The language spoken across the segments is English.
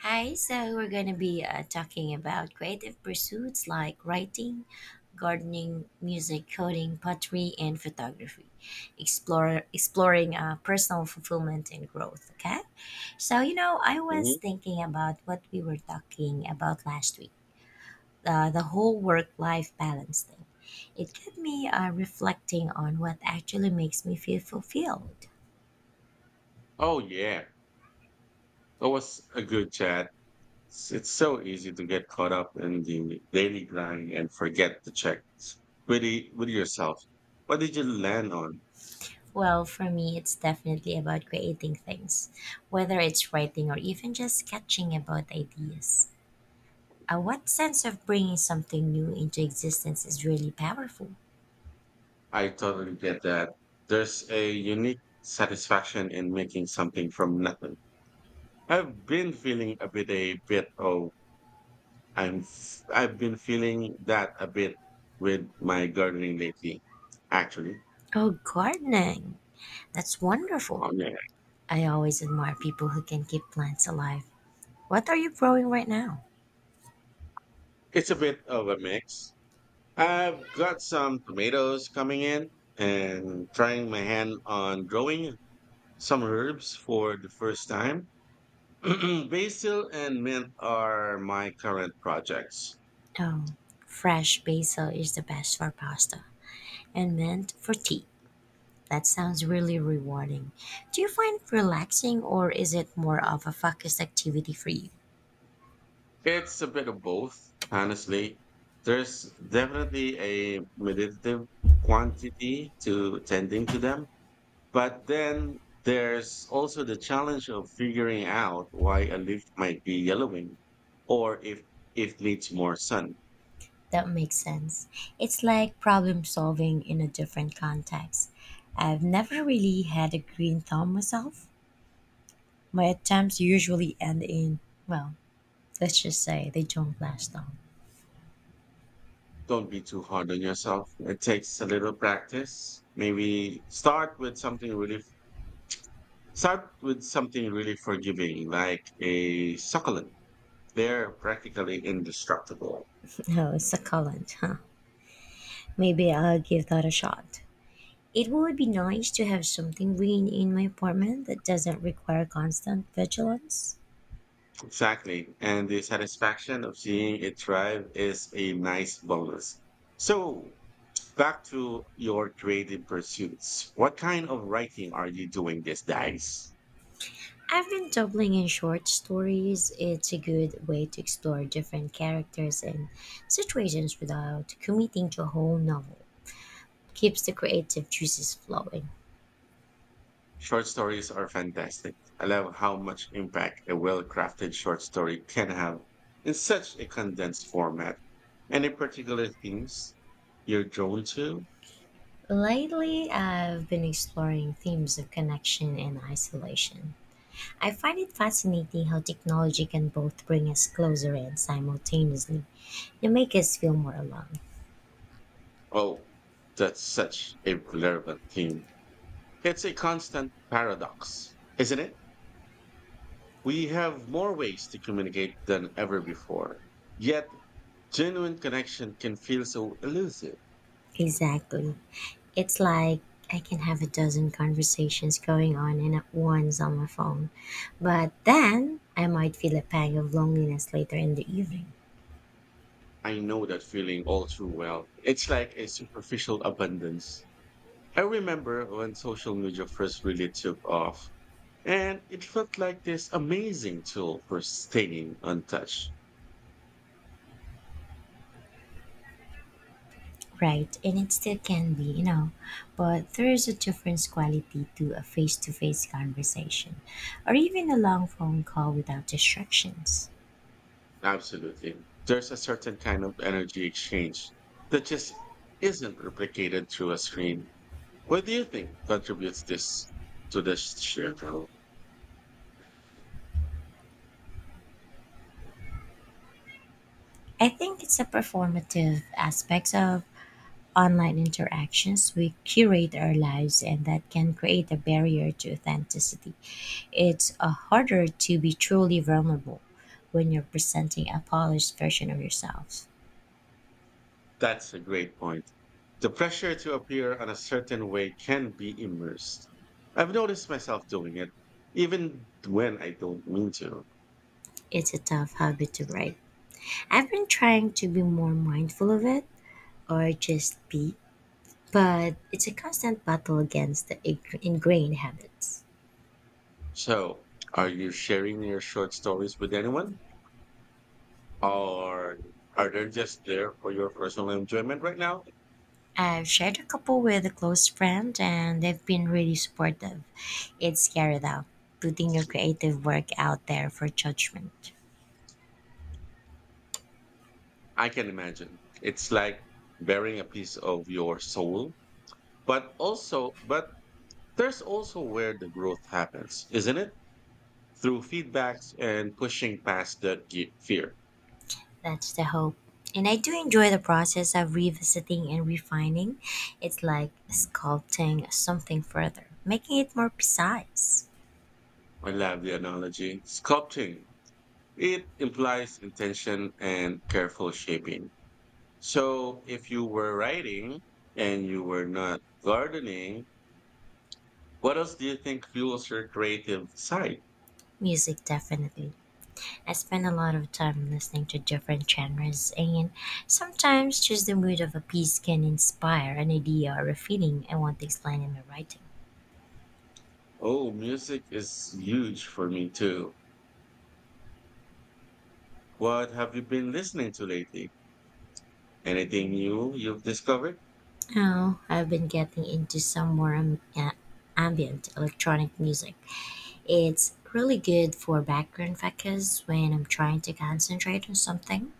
Hi, so we're going to be talking about creative pursuits like writing, gardening, music, coding, pottery, and photography. Explore exploring personal fulfillment and growth. Okay, so I was Mhm. thinking about what we were talking about last week, the whole work-life balance thing. It kept me reflecting on what actually makes me feel fulfilled. Oh, yeah. It was a good chat. It's so easy to get caught up in the daily grind and forget to check with yourself. What did you land on? Well, for me, it's definitely about creating things, whether it's writing or even just sketching about ideas. What sense of bringing something new into existence is really powerful? I totally get that. There's a unique satisfaction in making something from nothing. I've been feeling a bit oh I'm f- I've been feeling that a bit with my gardening lately. Actually, Oh, gardening! That's wonderful. oh yeah, I always admire people who can keep plants alive. What are you growing right now? it's a bit of a mix. I've got some tomatoes coming in and trying my hand on growing some herbs for the first time. Basil and mint are my current projects. Oh, fresh basil is the best for pasta and mint for tea. That sounds really rewarding. Do you find it relaxing or is it more of a focused activity for you? It's a bit of both, honestly. There's definitely a meditative quantity to tending to them, but then there's also the challenge of figuring out why a leaf might be yellowing or if it needs more sun. That makes sense. It's like problem solving in a different context. I've never really had a green thumb myself. My attempts usually end in, well, let's just say they don't last long. Don't be too hard on yourself. It takes a little practice. Maybe start with something really Start with something really forgiving, like a succulent. They're practically indestructible. No, it's succulent, huh? Maybe I'll give that a shot. It would be nice to have something green in my apartment that doesn't require constant vigilance. Exactly. And the satisfaction of seeing it thrive is a nice bonus. So back to your creative pursuits. What kind of writing are you doing these days? I've been dabbling in short stories. It's a good way to explore different characters and situations without committing to a whole novel. Keeps the creative juices flowing. Short stories are fantastic. I love how much impact a well crafted short story can have in such a condensed format. Any particular themes you're drawn to? Lately, I've been exploring themes of connection and isolation. I find it fascinating how technology can both bring us closer and simultaneously they make us feel more alone. Oh, that's such a relevant theme. It's a constant paradox, isn't it? We have more ways to communicate than ever before. Yet, genuine connection can feel so elusive. Exactly. It's like I can have a dozen conversations going on and at once on my phone. But then I might feel a pang of loneliness later in the evening. I know that feeling all too well. It's like a superficial abundance. I remember when social media first really took off, and it felt like this amazing tool for staying untouched. Right, and it still can be, you know, but there is a different quality to a face to face conversation or even a long phone call without distractions. Absolutely. There's a certain kind of energy exchange that just isn't replicated through a screen. What do you think contributes this to the shift? I think it's a performative aspect of online interactions, we curate our lives, and that can create a barrier to authenticity. It's harder to be truly vulnerable when you're presenting a polished version of yourself. That's a great point. The pressure to appear on a certain way can be immersed. I've noticed myself doing it, even when I don't mean to. It's a tough habit to break. I've been trying to be more mindful of it or just be, but it's a constant battle against the ingrained habits. So, are you sharing your short stories with anyone, or are they just there for your personal enjoyment right now? I've shared a couple with a close friend and they've been really supportive. It's scary though, putting your creative work out there for judgment. I can imagine it's like bearing a piece of your soul, but there's also where the growth happens, isn't it? Through feedbacks and pushing past that fear. That's the hope. And I do enjoy the process of revisiting and refining. It's like sculpting something further, making it more precise. I love the analogy. Sculpting it implies intention and careful shaping. So if you were writing and you were not gardening, what else do you think fuels your creative side? Music, definitely. I spend a lot of time listening to different genres, and sometimes just the mood of a piece can inspire an idea or a feeling I want to explain in my writing. Oh, music is huge for me too. What have you been listening to lately? Anything new you've discovered? Now, I've been getting into some more ambient electronic music. It's really good for background focus when I'm trying to concentrate on something,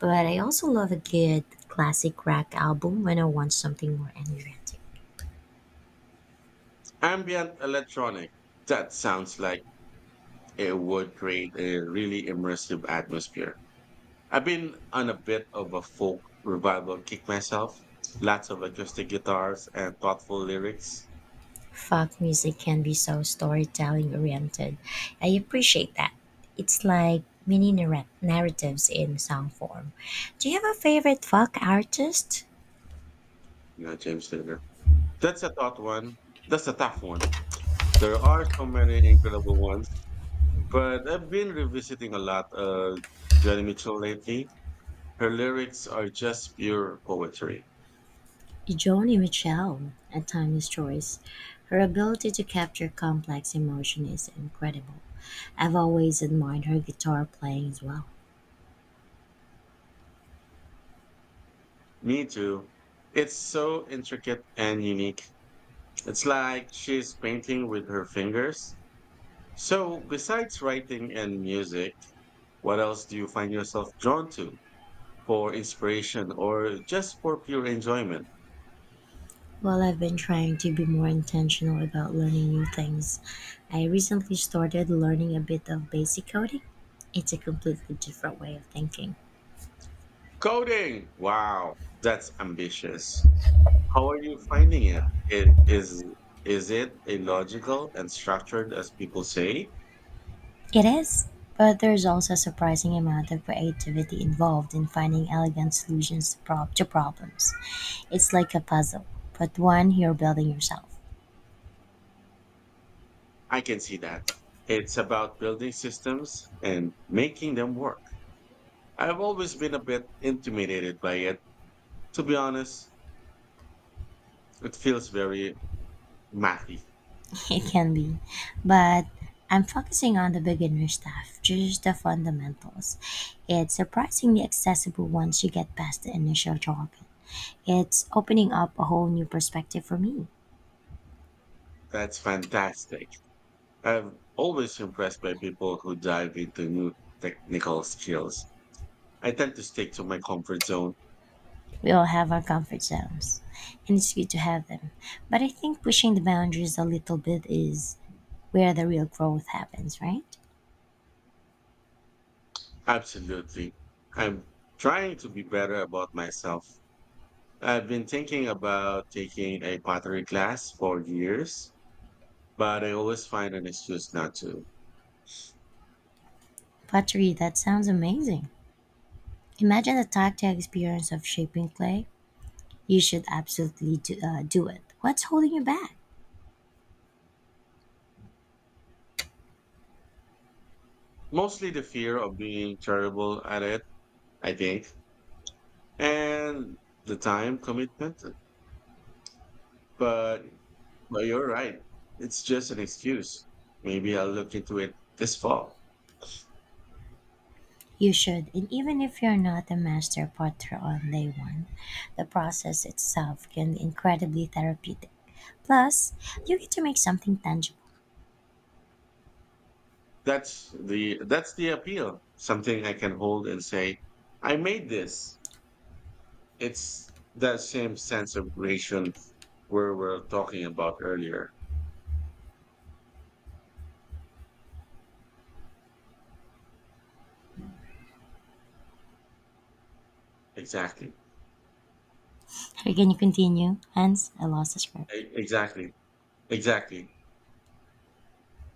but I also love a good classic rock album when I want something more energetic. Ambient electronic. That sounds like it would create a really immersive atmosphere. I've been on a bit of a folk revival kick myself. Lots of acoustic guitars and thoughtful lyrics. Folk music can be so storytelling oriented. I appreciate that. It's like mini narratives in song form. Do you have a favorite folk artist? You know, James Taylor. That's a tough one. That's a tough one. There are so many incredible ones, but I've been revisiting a lot of Joni Mitchell lately. Her lyrics are just pure poetry. Joni Mitchell, a timeless choice, her ability to capture complex emotion is incredible. I've always admired her guitar playing as well. Me too. It's so intricate and unique. It's like she's painting with her fingers. So, besides writing and music, what else do you find yourself drawn to for inspiration or just for pure enjoyment? Well, I've been trying to be more intentional about learning new things. I recently started learning a bit of basic coding. It's a completely different way of thinking. Coding! Wow, that's ambitious. How are you finding it? Is it illogical and structured as people say? It is, but there's also a surprising amount of creativity involved in finding elegant solutions to problems. It's like a puzzle, but one you're building yourself. I can see that. It's about building systems and making them work. I've always been a bit intimidated by it. To be honest, it feels very mathy. It can be, but I'm focusing on the beginner stuff, just the fundamentals. It's surprisingly accessible once you get past the initial jargon. It's opening up a whole new perspective for me. That's fantastic. I've always impressed by people who dive into new technical skills. I tend to stick to my comfort zone. We all have our comfort zones, and it's good to have them. But I think pushing the boundaries a little bit is where the real growth happens, right? Absolutely. I'm trying to be better about myself. I've been thinking about taking a pottery class for years, but I always find an excuse not to. Pottery, that sounds amazing. Imagine the tactile experience of shaping clay. You should absolutely do it. What's holding you back? Mostly the fear of being terrible at it, I think, and the time commitment. But but you're right. It's just an excuse. Maybe I'll look into it this fall. You should, and even if you're not a master potter on day one, the process itself can be incredibly therapeutic. Plus, you get to make something tangible. That's the appeal. Something I can hold and say, I made this. It's that same sense of creation where we were talking about earlier. Exactly. Can you going to continue? Hence, I lost the script. E- Exactly. Exactly.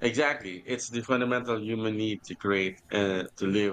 Exactly. It's the fundamental human need to create to leave